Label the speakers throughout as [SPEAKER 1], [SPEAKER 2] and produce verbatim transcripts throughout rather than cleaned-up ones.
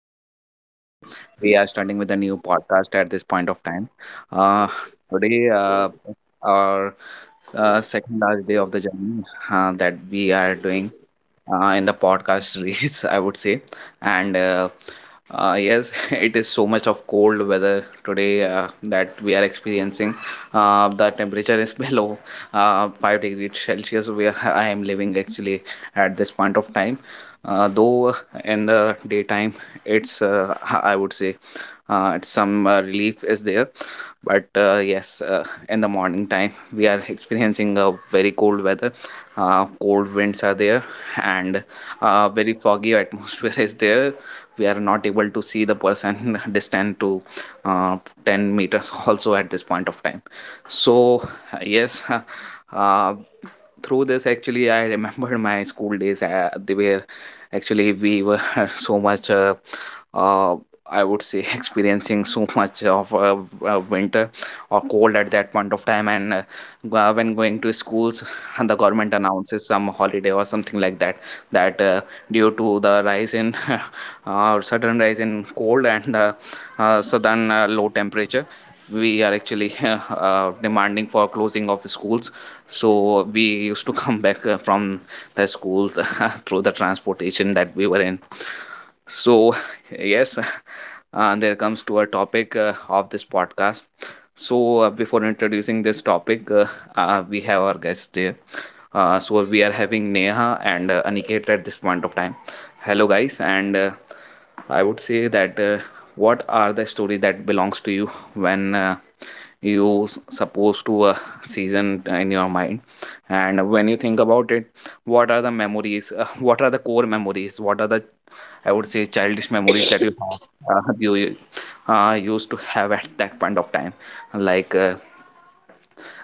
[SPEAKER 1] Yash, and we are starting with the new podcast at this point of time. Uh, today, uh, our uh, second last day of the journey uh, that we are doing uh, in the podcast race, I would say. And uh, uh, yes, it is so much of cold weather today uh, that we are experiencing. Uh, the temperature is below uh, five degrees Celsius, where I am living actually at this point of time. Uh, though uh, in the daytime, it's, uh, h- I would say, uh, it's some uh, relief is there, but uh, yes, uh, in the morning time we are experiencing a very cold weather, uh, cold winds are there, and uh, very foggy atmosphere is there. We are not able to see the person distant to uh, ten meters also at this point of time. So yes uh, through this actually I remember my school days. Uh, they were actually we were so much, uh, uh, I would say, experiencing so much of uh, uh, winter or cold at that point of time. And uh, go- uh, when going to schools, the government announces some holiday or something like that, that uh, due to the rise in, uh, sudden rise in cold and uh, uh, sudden uh, low temperature, we are actually uh, demanding for closing of schools. So we used to come back uh, from the school through the transportation that we were in. So yes uh, there comes to our topic uh, of this podcast. So uh, before introducing this topic, uh, uh, we have our guest there. Uh, so we are having Neha and uh, Aniket at this point of time. Hello, guys, and uh, I would say that, uh, what are the story that belongs to you when uh, you supposed to a season in your mind, and when you think about it, what are the memories, uh, what are the core memories, what are the, I would say, childish memories that you have, uh, you you, uh, used to have at that point of time? Like, uh,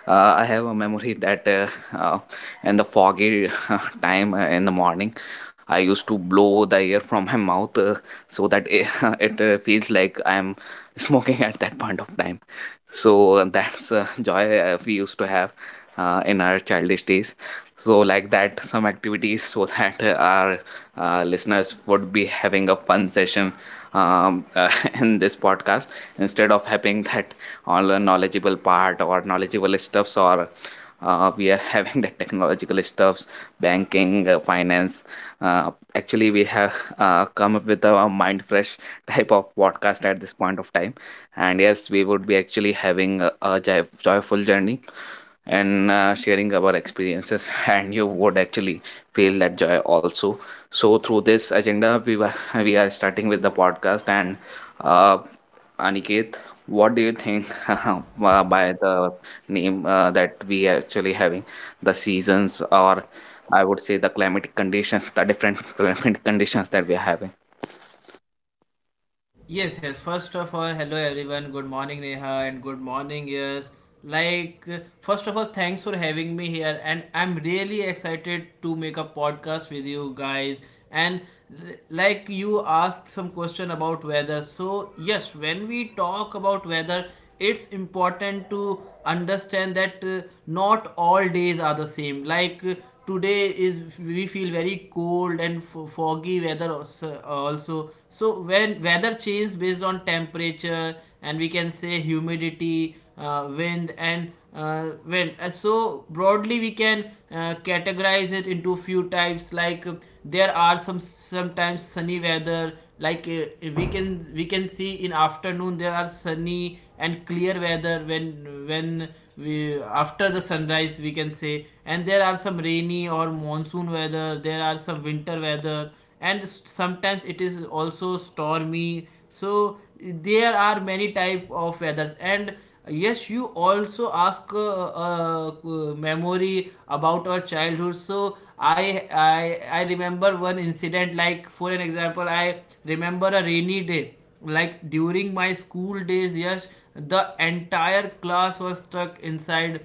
[SPEAKER 1] uh, I have a memory that, uh, uh, in the foggy uh, time, uh, in the morning, I used to blow the air from my mouth, uh, so that it, it uh, feels like I am smoking at that point of time. So that's a joy uh, we used to have uh, in our childish days. So like that, some activities, so that uh, our uh, listeners would be having a fun session, um, uh, in this podcast, instead of having that all the knowledgeable part or knowledgeable stuffs, or uh, we are having the technological stuffs, banking, uh, finance. Uh, actually, we have uh, come up with a mind fresh type of podcast at this point of time. And yes, we would be actually having a, a joy, joyful journey, and uh, sharing our experiences, and you would actually feel that joy also. So through this agenda, we were we are starting with the podcast. And uh, Aniket, what do you think, uh, by the name uh, that we actually having, the seasons, or I would say the climatic conditions, the different climate conditions that we are having?
[SPEAKER 2] Yes, yes. First of all, hello everyone. Good morning, Neha, and good morning, yes. Like, uh, first of all, thanks for having me here, and I'm really excited to make a podcast with you guys. And l- like you asked some question about weather, so yes, when we talk about weather, it's important to understand that uh, not all days are the same like uh, today is we feel very cold and f- foggy weather also, so when weather changes based on temperature and we can say humidity, uh, wind, and uh, wind Uh, so broadly we can uh, categorize it into few types like uh, there are some sometimes sunny weather like uh, we can we can see in afternoon there are sunny and clear weather when when we after the sunrise, we can say. And there are some rainy or monsoon weather, there are some winter weather, and sometimes it is also stormy. So there are many type of weathers. And yes, you also ask uh, uh, uh, memory about our childhood. So I, I i remember one incident. Like for an example, I remember a rainy day like during my school days. Yes, the entire class was stuck inside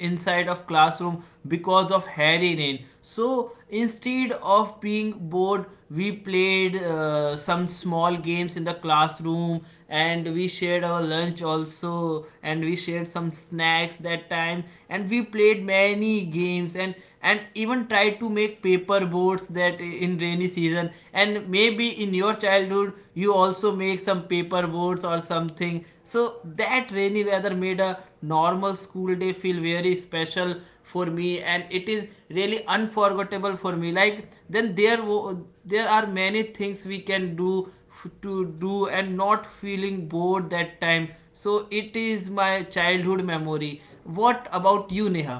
[SPEAKER 2] inside of classroom because of heavy rain, so instead of being bored, we played uh, some small games in the classroom, and we shared our lunch also, and we shared some snacks that time, and we played many games, and and even try to make paper boats that in rainy season. And maybe in your childhood you also make some paper boats or something, so that rainy weather made a normal school day feel very special for me, and it is really unforgettable for me. Like then there wo- there are many things we can do f- to do and not feeling bored that time. So it is my childhood memory. What about you, Neha?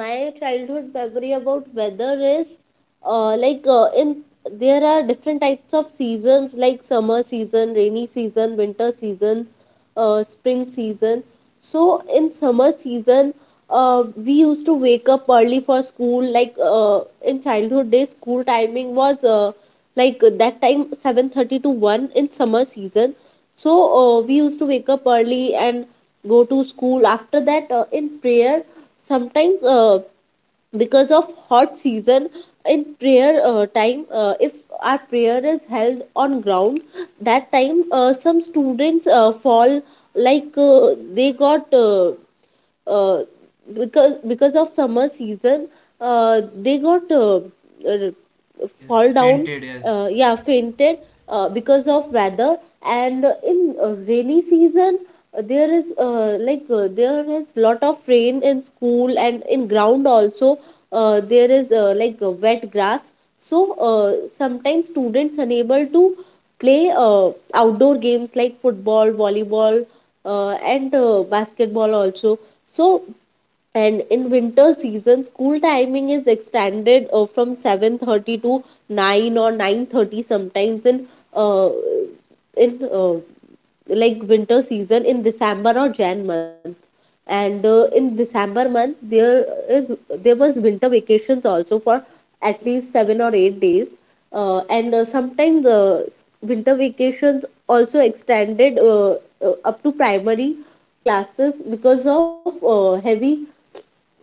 [SPEAKER 3] My childhood memory about weather is, uh, like, uh, in there are different types of seasons like summer season, rainy season, winter season, uh, spring season. So in summer season, uh, we used to wake up early for school. Like uh, in childhood days, school timing was, uh, like that time, seven thirty to one in summer season. So uh, we used to wake up early and go to school. After that, uh, in prayer, sometimes uh, because of hot season, in prayer uh, time, uh, if our prayer is held on ground, that time uh, some students uh, fall, like uh, they got uh, uh, because because of summer season, uh, they got uh, uh,
[SPEAKER 2] Yes,
[SPEAKER 3] fall down.
[SPEAKER 2] fainted. Yes,
[SPEAKER 3] Uh, yeah, fainted, uh, because of weather. And uh, in uh, rainy season, uh, there is, uh, like uh, there is lot of rain in school and in ground also. Uh, there is, uh, like uh, wet grass. So uh, sometimes students unable to play uh, outdoor games like football, volleyball, uh, and uh, basketball also. So and in winter season, school timing is extended uh, from seven thirty to nine or nine thirty sometimes, in uh, in uh, like winter season in december or jan month. And uh, in december month, there is there was winter vacations also for at least seven or eight days. Uh, and uh, Sometimes the winter vacations also extended, uh, uh, up to primary classes because of uh, heavy,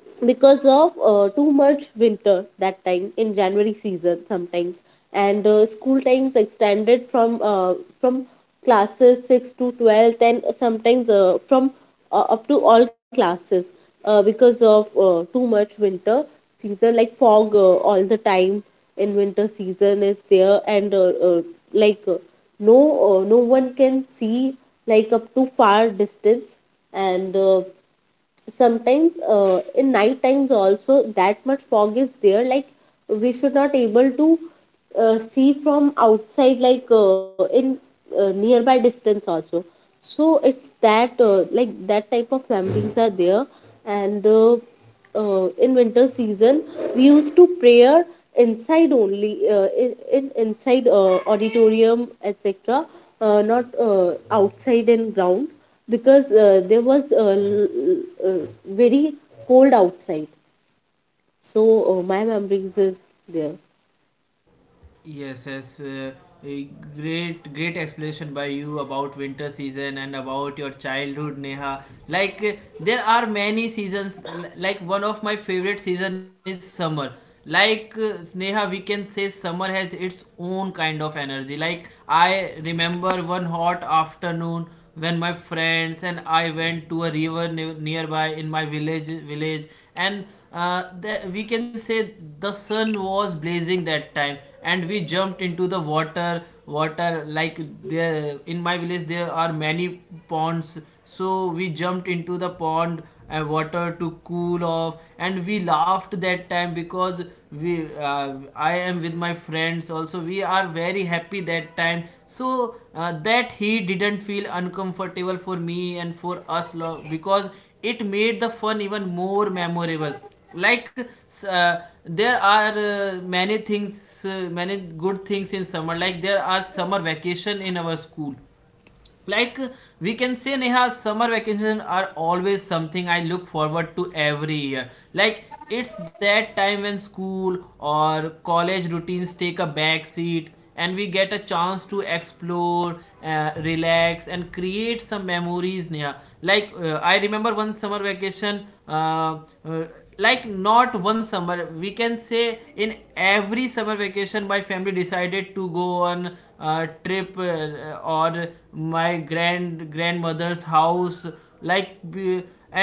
[SPEAKER 3] because of uh, too much winter that time in January season sometimes. And uh, school times extended from, uh, from classes six to twelve, and sometimes uh, from uh, up to all classes, uh, because of uh, too much winter season, like fog uh, all the time in winter season is there. And uh, uh, like uh, no, uh, no one can see like up to far distance. And uh, sometimes uh, in night times also, that much fog is there, like we should not able to uh, see from outside, like uh, in uh, nearby distance also. So it's that, uh, like that type of memories are there. And uh, uh, in winter season, we used to prayer inside only, uh, in, in inside uh, auditorium etc, uh, not uh, outside and ground, because uh, there was, uh, l- uh, very cold outside. So uh, my memories is there.
[SPEAKER 2] yes, yes. Uh, a great, great explanation by you about winter season and about your childhood, Neha. Like uh, there are many seasons. l- Like one of my favorite season is summer. Like uh, Neha, we can say summer has its own kind of energy. Like I remember one hot afternoon when my friends and I went to a river ne- nearby in my village village and uh, the, we can say the sun was blazing that time, and we jumped into the water water like there in my village there are many ponds. So we jumped into the pond and water to cool off, and we laughed that time because we uh, I am with my friends also, we are very happy that time. So uh, that he didn't feel uncomfortable for me and for us lo- because it made the fun even more memorable. Like s- uh, there are uh, many things, uh, many good things in summer, like there are summer vacation in our school. Like we can say, Neha, summer vacation are always something I look forward to every year. Like it's that time when school or college routines take a back seat, and we get a chance to explore, uh, relax and create some memories, Neha. Like uh, I remember one summer vacation uh, uh, like not one summer, we can say in every summer vacation my family decided to go on a trip uh, or my grand grandmother's house, like.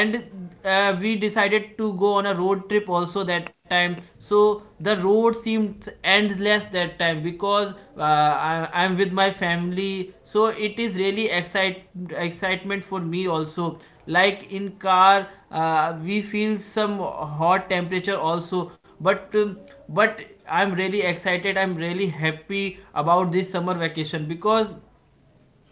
[SPEAKER 2] And uh, we decided to go on a road trip also that time, so the road seemed endless that time because uh, I, I'm with my family, so it is really excite excitement for me also. Like in car, uh, we feel some hot temperature also, but um, but I'm really excited, I'm really happy about this summer vacation, because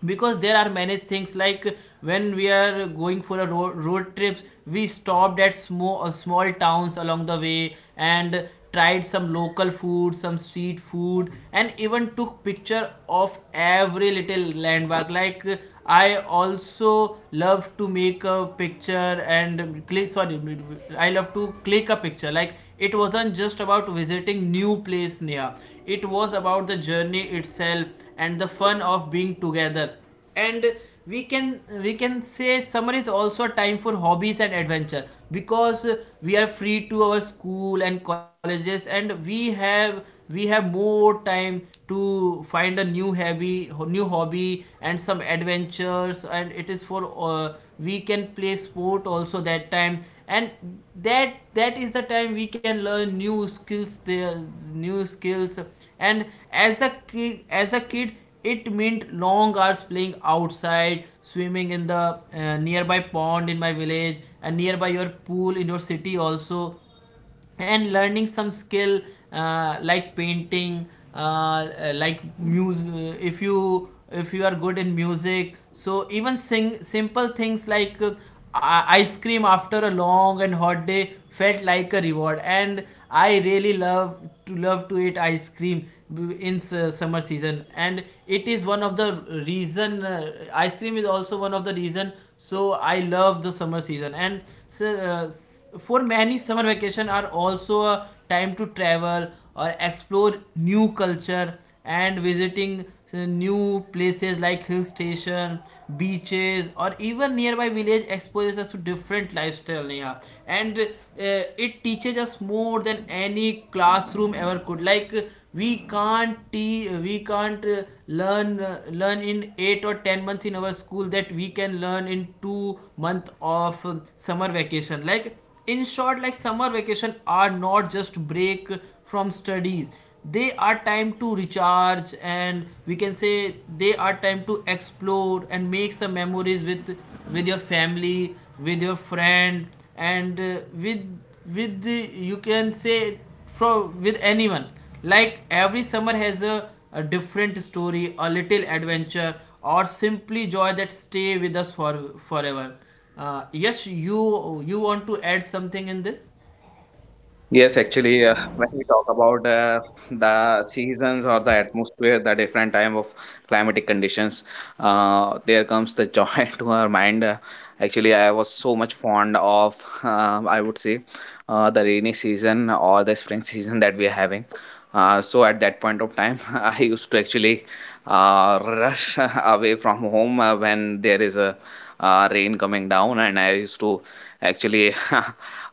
[SPEAKER 2] because there are many things. Like when we are going for a road, road trips, we stopped at small small towns along the way and tried some local food, some street food, and even took picture of every little landmark. Like I also love to make a picture and click, sorry, I love to click a picture. Like it wasn't just about visiting new place near, it was about the journey itself and the fun of being together. And we can we can say summer is also a time for hobbies and adventure because we are free to our school and colleges, and we have we have more time to find a new hobby new hobby and some adventures. And it is for uh, we can play sport also that time, and that that is the time we can learn new skills there new skills. And as a kid as a kid it meant long hours playing outside, swimming in the uh, nearby pond in my village and nearby your pool in your city also, and learning some skill, uh, like painting, uh, uh, like music. If you if you are good in music, so even sing simple things like uh, ice cream after a long and hot day felt like a reward. And I really love to love to eat ice cream b- in su- summer season, and it is one of the reason. Uh, ice cream is also one of the reason. So I love the summer season. And so, uh, for many, summer vacation are also a time to travel or explore new culture and visiting uh, new places like hill station, beaches, or even nearby village exposes us to different lifestyle, Neha. And uh, it teaches us more than any classroom ever could. Like we can't te- we can't uh, learn uh, learn in eight or ten months in our school that we can learn in two month of uh, summer vacation. Like in short, like summer vacation are not just break from studies, they are time to recharge, and we can say they are time to explore and make some memories with with your family, with your friend, and uh, with with the, you can say from with anyone. Like every summer has a, a different story, a little adventure, or simply joy that stay with us for forever. Uh, yes, you you want to add something in this?
[SPEAKER 1] Yes, actually, uh, when we talk about uh, the seasons or the atmosphere, the different time of climatic conditions, uh, there comes the joy to our mind. Uh, actually, I was so much fond of, uh, I would say, uh, the rainy season or the spring season that we are having. Uh, so at that point of time, I used to actually uh, rush away from home uh, when there is a uh, rain coming down, and I used to actually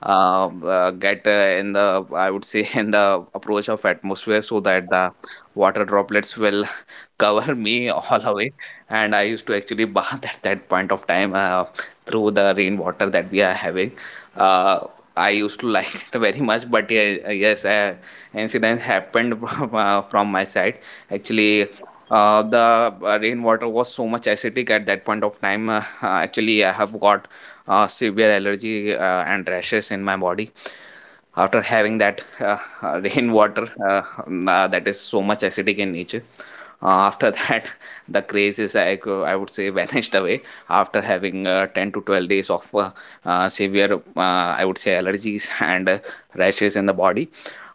[SPEAKER 1] uh, uh, get uh, in the, I would say, in the approach of atmosphere, so that the water droplets will cover me all away, and I used to actually bath at that point of time uh, through the rainwater that we are having. uh, I used to like it very much, but yeah, yes, uh, incident happened, from, uh, from my side actually. Uh, the uh, rainwater was so much acidic at that point of time. Uh, actually, I have got uh, severe allergy uh, and rashes in my body after having that, uh, rainwater, uh, um, uh, that is so much acidic in nature. Uh, after that, the craze is I, go- I would say vanished away after having uh, ten to twelve days of, uh, uh, severe, uh, I would say, allergies, and uh, rashes in the body.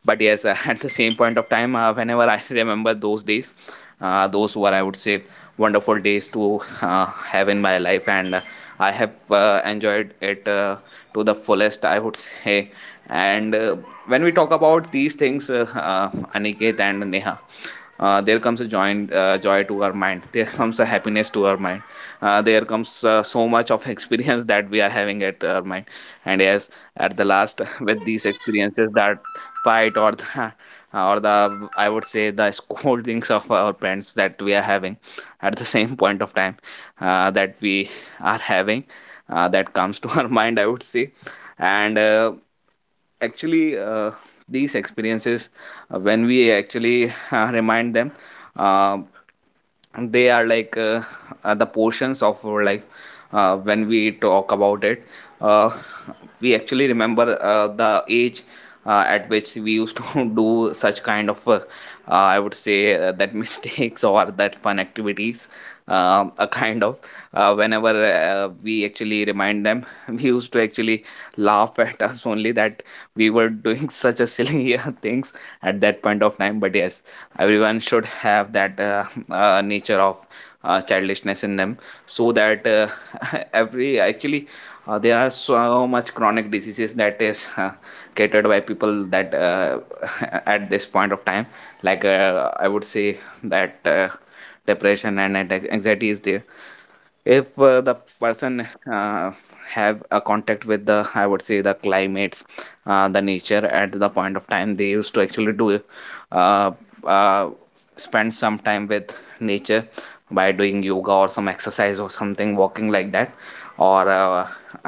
[SPEAKER 1] But yes, uh, at the same point of time, uh, whenever I remember those days, uh, those were, I would say, wonderful days to uh, have in my life, and uh, I have uh, enjoyed it uh, to the fullest, I would say. And uh, when we talk about these things, uh, uh, Aniket and Neha, uh, there comes a joy, uh, joy to our mind. There comes a happiness to our mind. Uh, there comes uh, so much of experience that we are having at our mind. And yes, at the last, with these experiences, that fight, or the, or the, I would say, the scoldings of our parents that we are having, at the same point of time, uh, that we are having uh, that comes to our mind, I would say. And uh, actually, uh, these experiences, uh, when we actually uh, remind them, uh, they are like, uh, uh, the portions of our life. Uh, when we talk about it, uh, we actually remember uh, the age uh, at which we used to do such kind of, uh, uh, I would say, uh, that mistakes or that fun activities. Um, a kind of, uh, whenever uh, we actually remind them, we used to actually laugh at us only, that we were doing such a silly things at that point of time. But yes, everyone should have that, uh, uh, nature of uh, childishness in them, so that, uh, every actually, uh, there are so much chronic diseases that is uh, catered by people, that, uh, at this point of time. Like, uh, I would say that, uh, depression and anxiety is there. If uh, the person uh, have a contact with the, I would say, the climates, uh, the nature, at the point of time they used to actually do, uh, uh, spend some time with nature, by doing yoga or some exercise or something walking like that, or uh,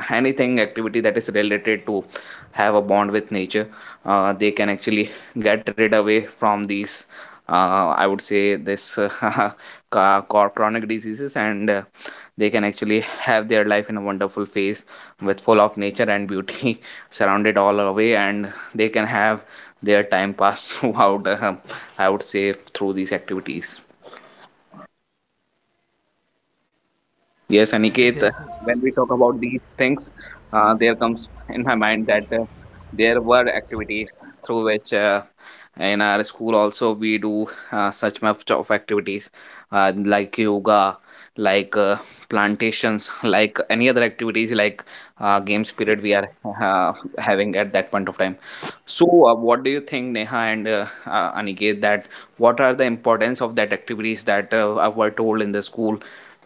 [SPEAKER 1] anything activity that is related to have a bond with nature, uh, they can actually get rid away from these, uh, I would say, this, uh, ca- chronic diseases, and uh, they can actually have their life in a wonderful phase with full of nature and beauty, surrounded all away, and they can have their time pass throughout, uh, I would say, through these activities. Yes,
[SPEAKER 2] Yes,
[SPEAKER 1] Aniket, uh,
[SPEAKER 2] yes.
[SPEAKER 1] when we talk about these things, uh, there comes in my mind that, uh, there were activities through which, uh, in our school also we do uh, such much of activities, uh, like yoga, like uh, plantations, like any other activities like uh, games period we are uh, having at that point of time. So, uh, what do you think, Neha and uh, uh, Aniket, that what are the importance of that activities that uh, were told in the school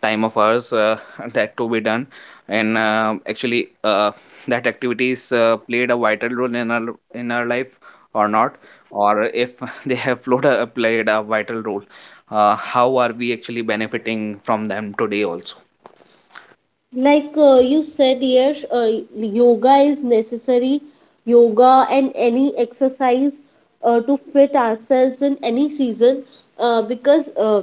[SPEAKER 1] time of ours, uh, that to be done, and uh, actually, uh, that activities uh, played a vital role in our in our life or not, or if, they have played a, played a vital role, uh, how are we actually benefiting from them today also?
[SPEAKER 3] Like uh, you said, yes, uh, yoga is necessary. Yoga and any exercise uh, to fit ourselves in any season, uh, because uh,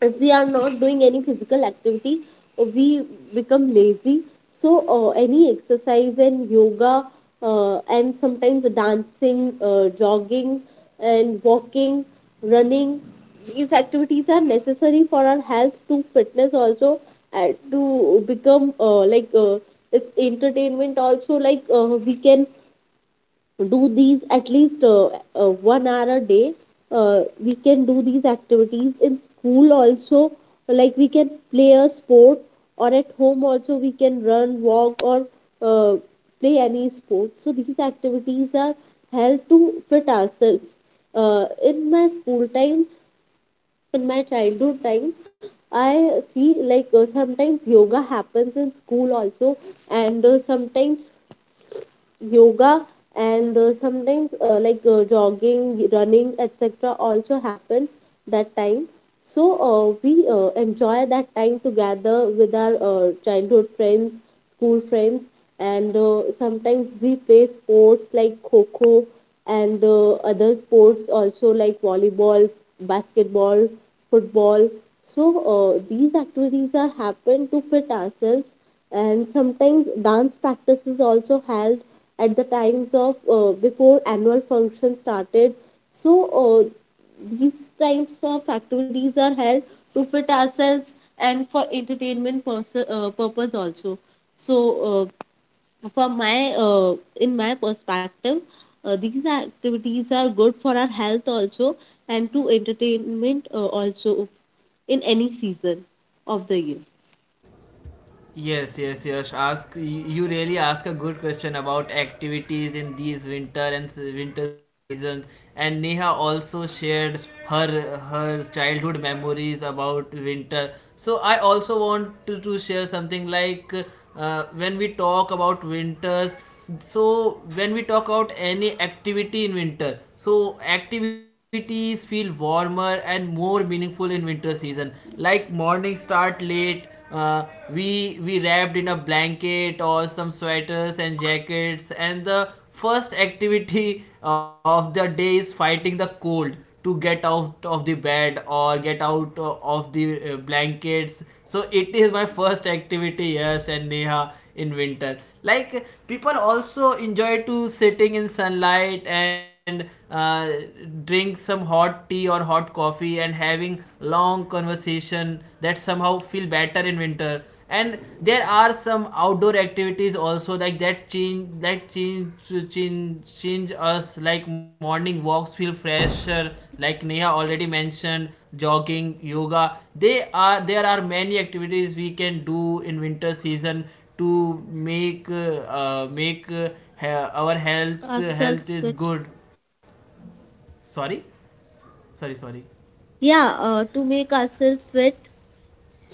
[SPEAKER 3] if we are not doing any physical activity, uh, we become lazy. So uh, any exercise and yoga, uh, and sometimes dancing, uh, jogging and walking, running, these activities are necessary for our health to fitness also. And to become uh, like uh, it's entertainment also. Like uh, we can do these at least uh, uh, one hour a day. Uh, we can do these activities in school also, like we can play a sport, or at home also we can run, walk or uh, play any sport. So these activities are held to fit ourselves uh, in my school times, in my childhood time. I see, like uh, sometimes yoga happens in school also. And uh, sometimes yoga, and uh, sometimes uh, like uh, jogging, running etc also happen that time. So uh, we uh, enjoy that time together with our uh, childhood friends, school friends. And uh, sometimes we play sports like kho, and uh, other sports also, like volleyball, basketball, football. So uh, these activities are happen to fit ourselves. And sometimes dance practice is also held at the times of, uh, before annual function started. So uh, these types of activities are held to fit ourselves and for entertainment pers- uh, purpose also. So uh, for my uh, in my perspective, uh, these activities are good for our health also, and to entertainment uh, also, in any season of the year.
[SPEAKER 2] Yes, yes, yes. Ask you really ask a good question about activities in these winter and s- winter seasons. And Neha also shared her her childhood memories about winter. So I also want to, to share something like uh, when we talk about winters. So when we talk about any activity in winter, so activities feel warmer and more meaningful in winter season. Like morning start late, uh, we we wrapped in a blanket or some sweaters and jackets, and the first activity of the day is fighting the cold to get out of the bed or get out uh, of the uh, blankets. So it is my first activity. Yes, and Neha, in winter, like, people also enjoy to sitting in sunlight and uh, drink some hot tea or hot coffee and having long conversation that somehow feel better in winter. And there are some outdoor activities also, like that change that change change change us. Like morning walks feel fresher, like Neha already mentioned, jogging, yoga, they are there are many activities we can do in winter season to make uh, make uh, our health
[SPEAKER 3] Ourselves
[SPEAKER 2] health is
[SPEAKER 3] with.
[SPEAKER 2] good. Sorry. Sorry sorry
[SPEAKER 3] Yeah, uh, to make ourselves fit.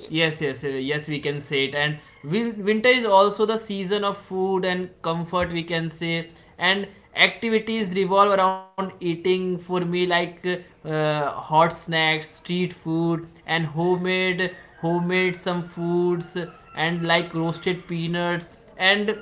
[SPEAKER 2] Yes, yes, uh, yes, we can say it. And wil- winter is also the season of food and comfort, we can say. And activities revolve around eating for me, like, uh, hot snacks, street food, and homemade homemade some foods, and like roasted peanuts. And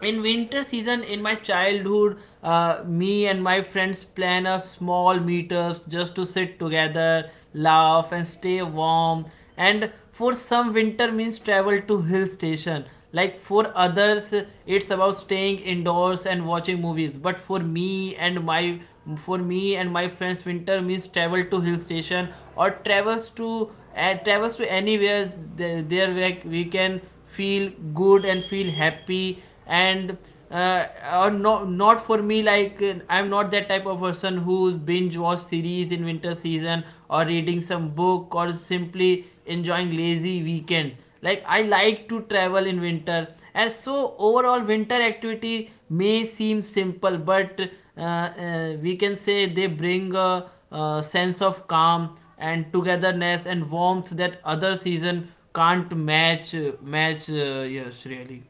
[SPEAKER 2] in winter season in my childhood, uh, me and my friends plan a small meetups just to sit together, laugh and stay warm. And for some, winter means travel to hill station. Like for others, it's about staying indoors and watching movies, but for me and my for me and my friends winter means travel to hill station or travels to uh, travels to anywhere th- there where we can feel good and feel happy. And uh, or no, not for me. Like uh, I'm not that type of person who binge watch series in winter season or reading some book or simply enjoying lazy weekends. Like I like to travel in winter. And so overall, winter activity may seem simple, but uh, uh, we can say they bring a, a sense of calm and togetherness and warmth that other season can't match. Match, uh, yes, really.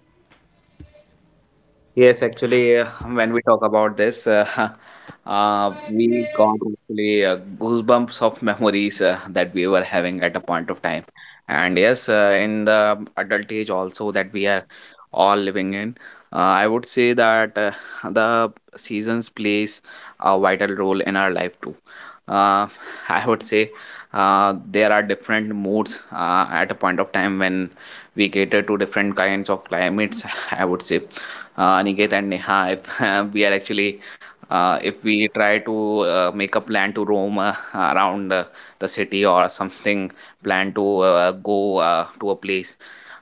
[SPEAKER 1] Yes, actually, uh, when we talk about this, uh, uh, we got actually uh, goosebumps of memories uh, that we were having at a point of time. And yes, uh, in the adult age also that we are all living in, uh, I would say that uh, the seasons plays a vital role in our life too. Uh, I would say uh, there are different moods uh, at a point of time when we cater to different kinds of climates, I would say, uh, Aniket and Neha, if we are actually, uh, if we try to uh, make a plan to roam uh, around uh, the city or something, plan to uh, go uh, to a place,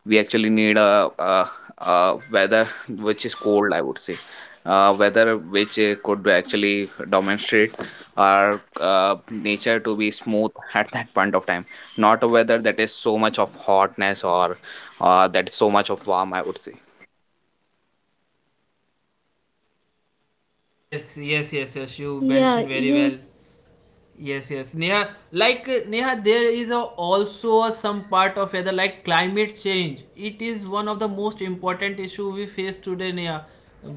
[SPEAKER 1] we actually need a, a, a weather which is cold, I would say. Uh, weather which uh, could actually demonstrate our uh, nature to be smooth at that point of time, not a weather that is so much of hotness, or uh, that is so much of warm, I would say.
[SPEAKER 2] Yes, yes, yes, yes. You
[SPEAKER 3] Yeah,
[SPEAKER 2] mentioned very
[SPEAKER 3] you.
[SPEAKER 2] well. Yes, yes. Neha, like uh, Neha, there is a, also a, some part of weather like climate change. It is one of the most important issue we face today, Neha,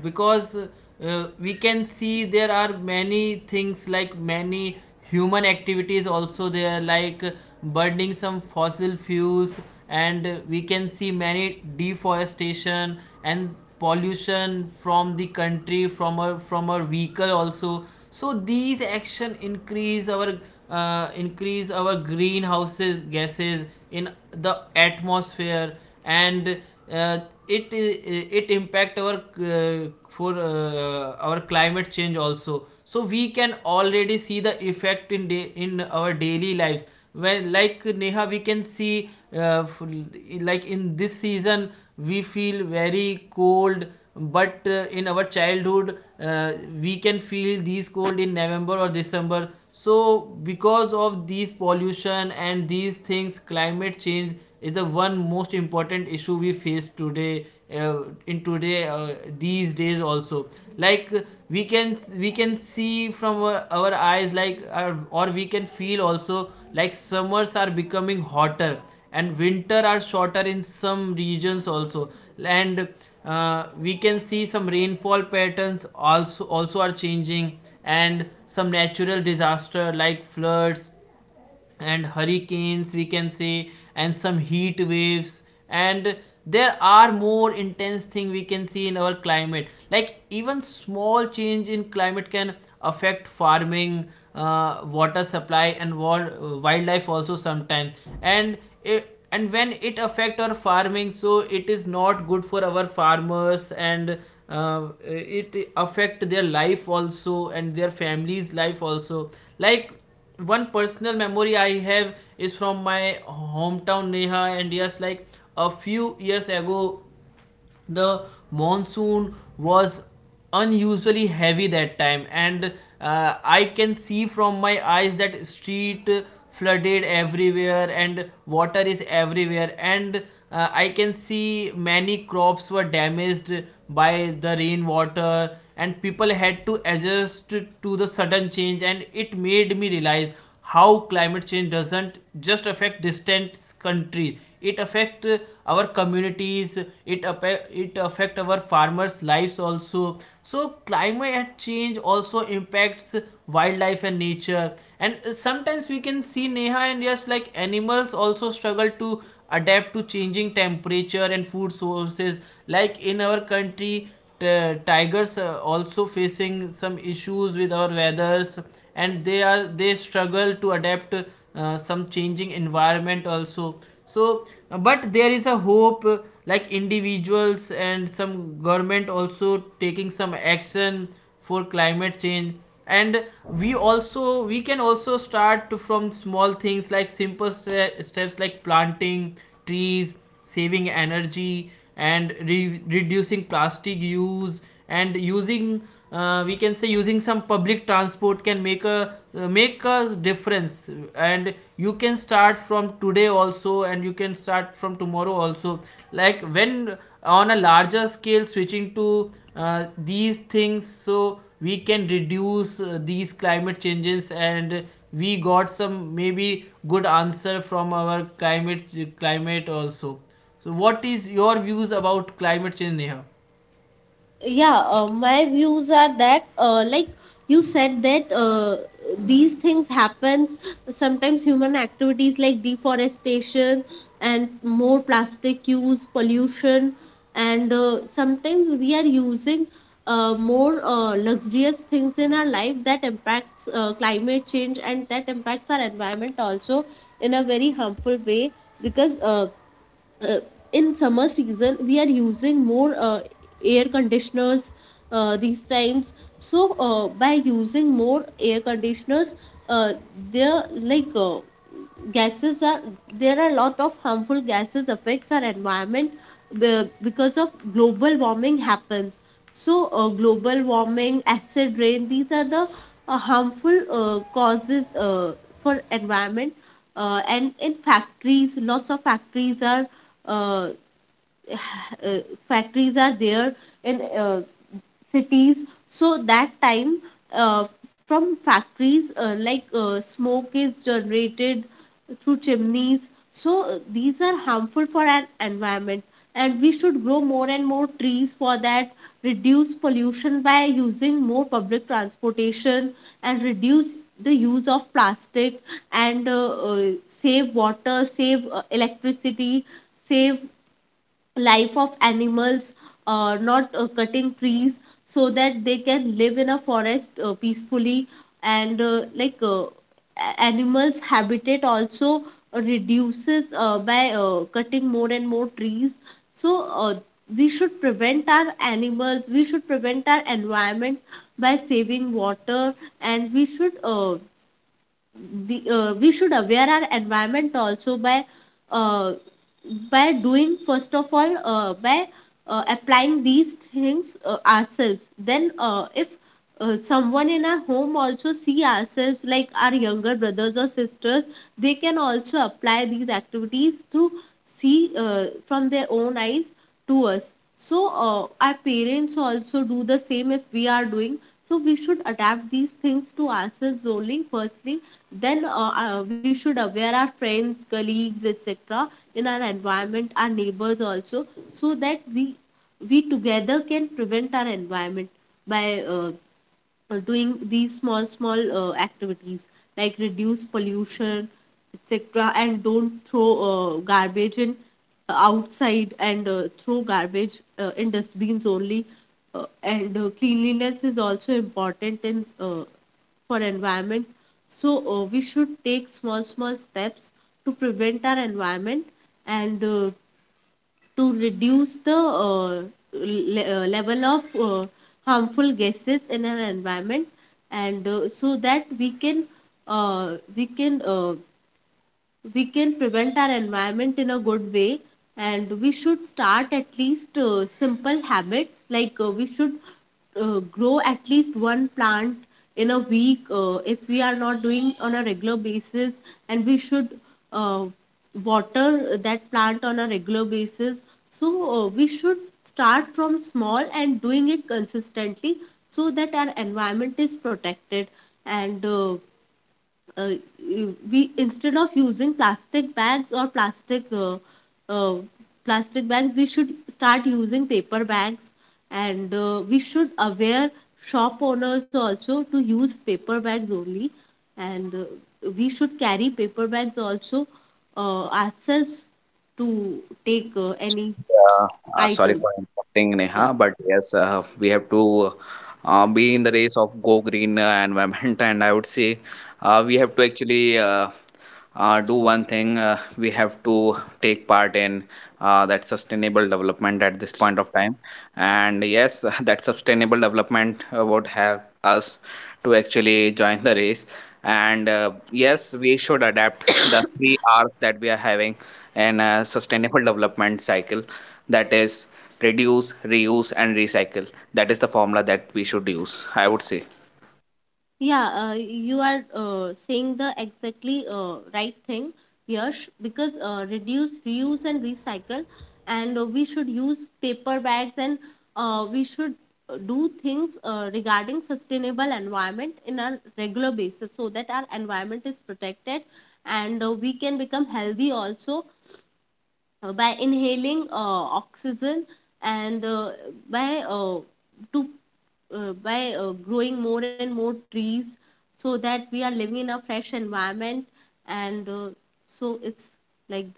[SPEAKER 2] because uh, we can see there are many things like many human activities also there, like uh, burning some fossil fuels, and uh, we can see many deforestation and pollution from the country from our from our vehicle also. So these action increase our uh, increase our greenhouses gases in the atmosphere and uh, it it impact our uh, for uh, our climate change also. So we can already see the effect in day, in our daily lives when like Neha we can see uh, like in this season we feel very cold, but uh, in our childhood uh, we can feel these cold in November or December. So because of these pollution and these things, climate change is the one most important issue we face today, uh, in today, uh, these days also. like uh, we can we can see from our, our eyes like our, or we can feel also like summers are becoming hotter and winter are shorter in some regions also. And uh, we can see some rainfall patterns also also are changing, and some natural disaster like floods and hurricanes we can say, and some heat waves, and there are more intense thing we can see in our climate. Like even small change in climate can affect farming, uh, water supply and wa- wildlife also sometimes. And it, and when it affect our farming, so it is not good for our farmers, and uh, it affect their life also and their families life also. Like one personal memory I have is from my hometown, Neha, and yes, like a few years ago the monsoon was unusually heavy that time, and uh, I can see from my eyes that street flooded everywhere and water is everywhere, and uh, I can see many crops were damaged by the rainwater and people had to adjust to the sudden change. And it made me realize how climate change doesn't just affect distant countries, it affects our communities. it it affect our farmers lives also. So climate change also impacts wildlife and nature, and uh, sometimes we can see, Neha, and yes, like animals also struggle to adapt to changing temperature and food sources. Like in our country, uh, tigers uh, also facing some issues with our weathers, and they are they struggle to adapt uh, some changing environment also. So uh, but there is a hope, uh, like individuals and some government also taking some action for climate change. And we also we can also start to- from small things like simple ste- steps like planting trees, saving energy, and re- reducing plastic use, and using, uh, we can say, using some public transport can make a, uh, make a difference. And you can start from today also, and you can start from tomorrow also. Like when uh, on a larger scale switching to uh, these things, so we can reduce uh, these climate changes, and we got some maybe good answer from our climate climate also. So what is your views about climate change, Neha?
[SPEAKER 3] Yeah, uh, my views are that, uh, like you said, that uh, these things happen. Sometimes human activities like deforestation and more plastic use, pollution, and uh, sometimes we are using uh, more uh, luxurious things in our life that impacts uh, climate change and that impacts our environment also in a very harmful way, because, Uh, uh, in summer season we are using more uh, air conditioners uh, these times. So uh, by using more air conditioners, uh, there like uh, gases are, there are a lot of harmful gases affects our environment be- because of global warming happens. So uh, global warming, acid rain, these are the uh, harmful uh, causes uh, for environment. Uh, and in factories, lots of factories are uh, uh, factories are there in uh, cities. So that time uh, from factories, uh, like uh, smoke is generated through chimneys. So uh, these are harmful for our environment, and we should grow more and more trees for that, reduce pollution by using more public transportation, and reduce the use of plastic. And uh, uh, save water, save uh, electricity, save life of animals, uh, not uh, cutting trees, so that they can live in a forest uh, peacefully. And uh, like uh, a- animals habitat also uh, reduces uh, by uh, cutting more and more trees. So uh, we should prevent our animals, we should prevent our environment by saving water. And we should, uh, we, uh, we should aware our environment also by uh, by doing first of all, uh, by uh, applying these things uh, ourselves. Then uh, if uh, someone in our home also see ourselves, like our younger brothers or sisters, they can also apply these activities through see uh, from their own eyes to us. So uh, our parents also do the same if we are doing. So we should adapt these things to ourselves only. Firstly, then uh, uh, we should aware our friends, colleagues, et cetera in our environment, our neighbors also, so that we we together can prevent our environment by uh, uh, doing these small small uh, activities, like reduce pollution etc, and don't throw uh, garbage in uh, outside, and uh, throw garbage uh, in dustbins only. Uh, and uh, cleanliness is also important in uh, for environment. So uh, we should take small small steps to prevent our environment and uh, to reduce the uh, le- uh, level of uh, harmful gases in our environment, and uh, so that we can uh, we can uh, we can prevent our environment in a good way. And we should start at least uh, simple habits, like uh, we should uh, grow at least one plant in a week uh, if we are not doing on a regular basis. And we should uh, water that plant on a regular basis. So uh, we should start from small and doing it consistently so that our environment is protected. And uh, uh, we, instead of using plastic bags or plastic uh, uh, plastic bags, we should start using paper bags. And uh, we should aware shop owners also to use paper bags only. And uh, we should carry paper bags also uh, ourselves to take uh, any
[SPEAKER 1] Yeah, uh, sorry
[SPEAKER 3] item,
[SPEAKER 1] for interrupting,
[SPEAKER 3] yeah.
[SPEAKER 1] Neha, but yes, uh, we have to uh, be in the race of Go Green uh, environment, and I would say uh, we have to actually, uh, uh, do one thing, uh, we have to take part in uh, that sustainable development at this point of time, and yes, that sustainable development uh, would have us to actually join the race. And uh, yes, we should adapt the three r's that we are having in a sustainable development cycle, that is reduce, reuse, and recycle. That is the formula that we should use, I would say.
[SPEAKER 3] Yeah, uh, you are uh, saying the exactly uh, right thing, Yash, because uh, reduce, reuse, and recycle, and uh, we should use paper bags, and uh, we should uh, do things uh, regarding sustainable environment in a regular basis, so that our environment is protected, and uh, we can become healthy also uh, by inhaling uh, oxygen, and uh, by uh, to uh, by uh, growing more and more trees, so that we are living in a fresh environment. And uh, so it's like that.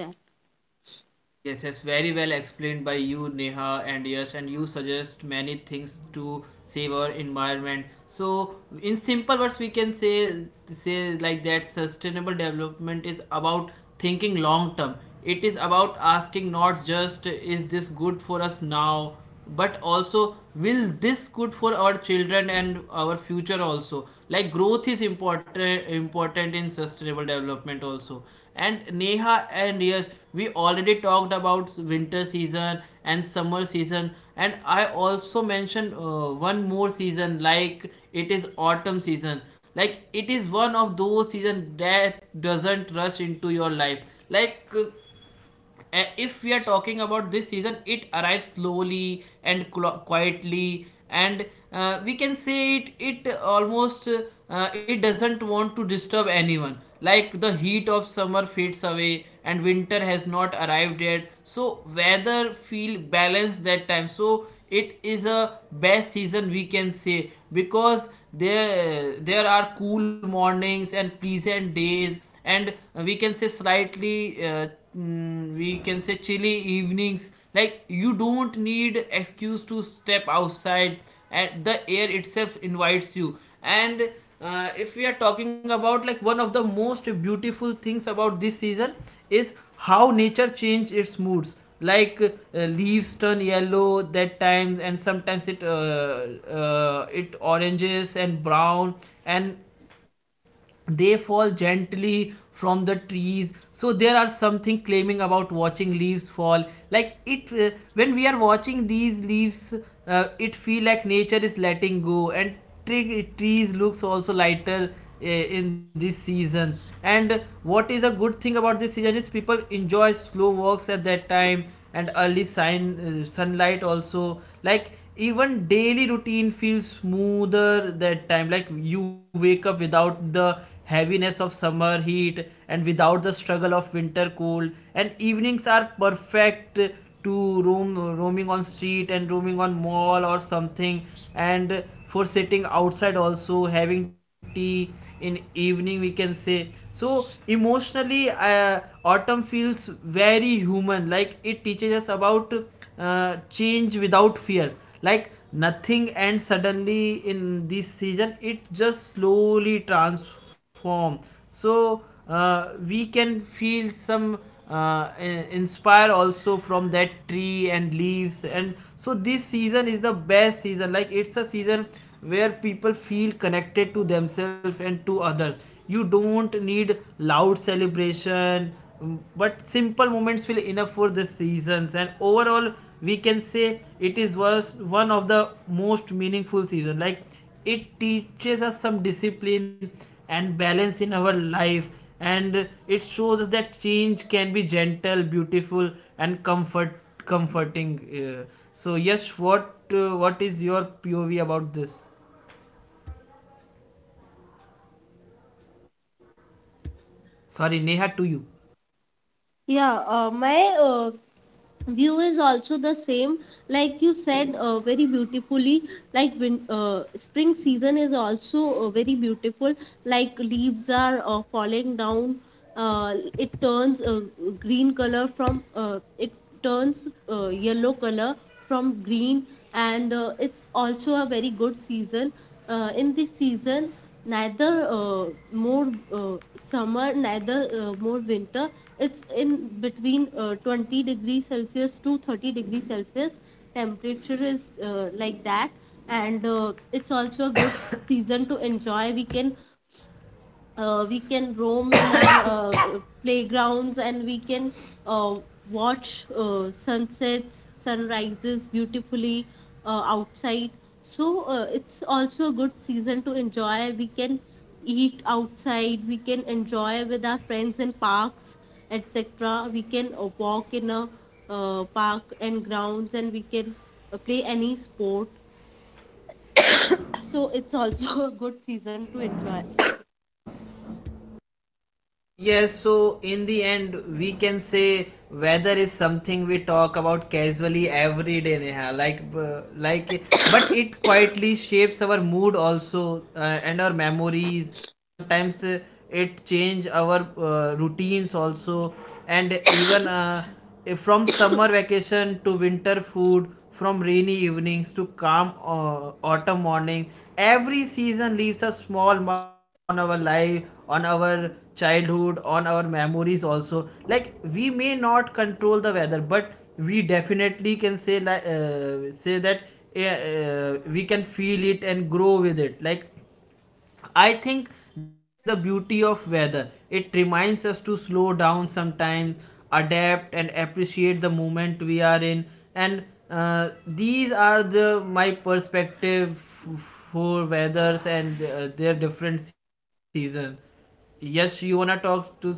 [SPEAKER 2] Yes, yes, very well explained by you, Neha and Yash, and you suggest many things to save our environment. So, in simple words, we can say say like that sustainable development is about thinking long term. It is about asking not just is this good for us now, but also will this good for our children and our future also. Like growth is important important in sustainable development also. And Neha and yes we already talked about winter season and summer season, and I also mentioned uh, one more season, like it is autumn season. Like it is one of those season that doesn't rush into your life. like uh, uh, if we are talking about this season, it arrives slowly and quietly, and uh, we can say it. It almost uh, it doesn't want to disturb anyone. Like the heat of summer fades away, and winter has not arrived yet. So weather feel balanced that time. So it is a best season we can say, because there there are cool mornings and pleasant days, and uh, we can say slightly uh, mm, we can say chilly evenings. Like you don't need excuse to step outside, and the air itself invites you. And uh, if we are talking about, like, one of the most beautiful things about this season is how nature change its moods. like uh, leaves turn yellow that times, and sometimes it uh, uh, it oranges and brown, and they fall gently from the trees. So there are something claiming about watching leaves fall. Like it uh, when we are watching these leaves, uh, it feel like nature is letting go, and tre- trees looks also lighter uh, in this season. And what is a good thing about this season is people enjoy slow walks at that time, and early sign uh, sunlight also. Like even daily routine feels smoother that time. Like you wake up without the heaviness of summer heat and without the struggle of winter cold, and evenings are perfect to roam roaming on street and roaming on mall or something, and for sitting outside also having tea in evening we can say. So emotionally, uh, autumn feels very human. Like it teaches us about uh, change without fear. Like nothing and suddenly in this season, it just slowly transform. So uh, we can feel some uh, inspire also from that tree and leaves. And so this season is the best season. Like it's a season where people feel connected to themselves and to others. You don't need loud celebration. Mm. But simple moments will enough for the seasons. And overall, we can say it is was one of the most meaningful season. Like it teaches us some discipline and balance in our life, and it shows us that change can be gentle, beautiful, and comfort comforting. Uh, so yes, what uh, what is your P O V about this? Sorry, Neha, to you.
[SPEAKER 3] Yeah, uh, my uh, view is also the same, like you said uh, very beautifully. Like, when uh, spring season is also uh, very beautiful, like leaves are uh, falling down, uh, it turns uh, green color from uh, it turns uh, yellow color from green. And uh, it's also a very good season. Uh, in this season, neither uh, more uh, summer, neither uh, more winter, it's in between uh, twenty degrees celsius to thirty degrees celsius. Temperature is uh, like that. And uh, it's also a good season to enjoy. We can uh, we can roam in our uh, uh, playgrounds, and we can uh, watch uh, sunsets, sunrises beautifully uh, outside. So uh, it's also a good season to enjoy. We can eat outside, we can enjoy with our friends in parks etc. We can uh, walk in a uh, park and grounds, and we can uh, play any sport. So it's also a good season to enjoy.
[SPEAKER 2] Yes, so in the end, we can say weather is something we talk about casually every day, Neha. Like, uh, like, but it quietly shapes our mood also, uh, and our memories. Sometimes uh, it change our uh, routines also, and even uh, eh, from summer vacation to winter food, from rainy evenings to calm uh, autumn mornings, every season leaves a small mark on our life, on our childhood, on our memories also. Like we may not control the weather, but we definitely can say like uh, say that uh, uh, we can feel it and grow with it. Like I think that is the beauty of weather. It reminds us to slow down sometimes, adapt and appreciate the moment we are in. And uh, these are the my perspective f- for weathers and uh, their different season. Yes, you wanna talk to something?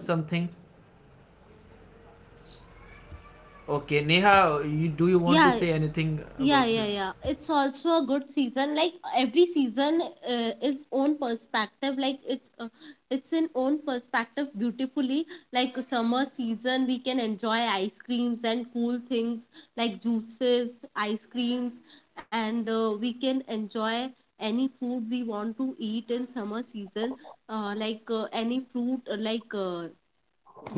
[SPEAKER 2] Okay, Neha, you, do you want to
[SPEAKER 3] Yeah.
[SPEAKER 2] say anything
[SPEAKER 3] Yeah,
[SPEAKER 2] about
[SPEAKER 3] yeah,
[SPEAKER 2] this?
[SPEAKER 3] yeah. It's also a good season. Like every season uh, is own perspective. Like it's uh, it's in own perspective beautifully. Like summer season, we can enjoy ice creams and cool things like juices, ice creams, and uh, we can enjoy any food we want to eat in summer season. Uh, like uh, any fruit, uh, like uh,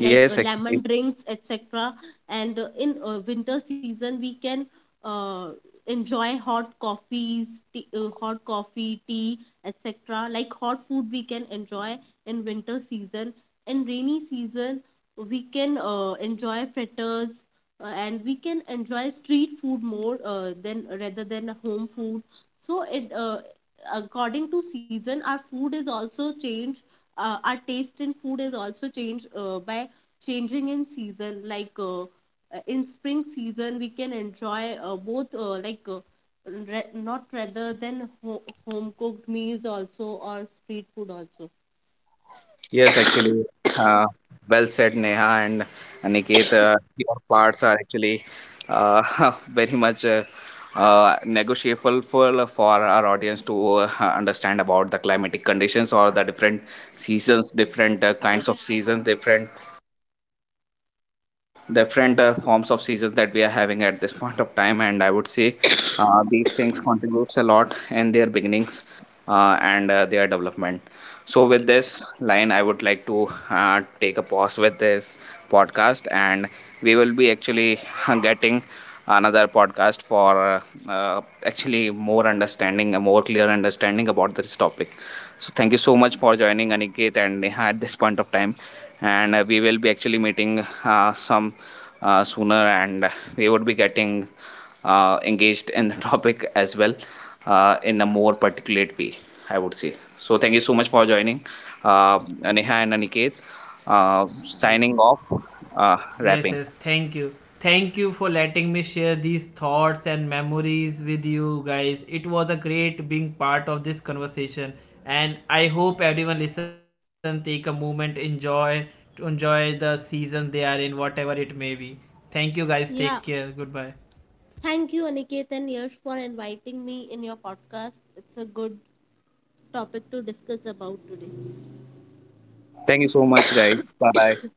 [SPEAKER 3] like uh,
[SPEAKER 1] actually,
[SPEAKER 3] lemon drinks etc. And uh, in uh, winter season we can uh, enjoy hot coffees tea, uh, hot coffee tea etc, like hot food we can enjoy in winter season. In rainy season, we can uh, enjoy fritters, uh, and we can enjoy street food more uh, than rather than home food. So it, uh, according to season, our food is also changed, uh, our taste in food is also changed uh, by changing in season. Like uh, uh, in spring season, we can enjoy uh, both, uh, like uh, re- not rather than ho- home cooked meals also or street food also.
[SPEAKER 1] yes, actually, uh, well said, Neha and Aniket. Uh, your parts are actually, uh, very much, uh, uh, negotiable for, uh, for our audience to uh, understand about the climatic conditions or the different seasons, different uh, kinds of seasons, different different uh, forms of seasons that we are having at this point of time. And I would say, uh, these things contributes a lot in their beginnings, uh, and uh, their development. So with this line, I would like to uh, take a pause with this podcast, and we will be actually getting another podcast for, uh, uh, actually more understanding, a more clear understanding about this topic. So thank you so much for joining, Aniket and Neha, at this point of time, and uh, we will be actually meeting uh, some uh, sooner, and we would be getting uh, engaged in the topic as well, uh, in a more particulate way, I would say. So thank you so much for joining, uh, Neha and Aniket. Uh,
[SPEAKER 2] Yes.
[SPEAKER 1] signing off, uh,
[SPEAKER 2] Yes,
[SPEAKER 1] wrapping.
[SPEAKER 2] yes. Thank you. Thank you for letting me share these thoughts and memories with you guys. It was a great being part of this conversation, and I hope everyone listen take a moment enjoy to enjoy the season they are in, whatever it may be. Thank you guys. Take care.
[SPEAKER 3] Yeah,
[SPEAKER 2] Goodbye.
[SPEAKER 3] thank you, Aniket and Yash, for inviting me in your podcast. It's a good topic to discuss about today.
[SPEAKER 1] Thank you so much, guys. Bye bye.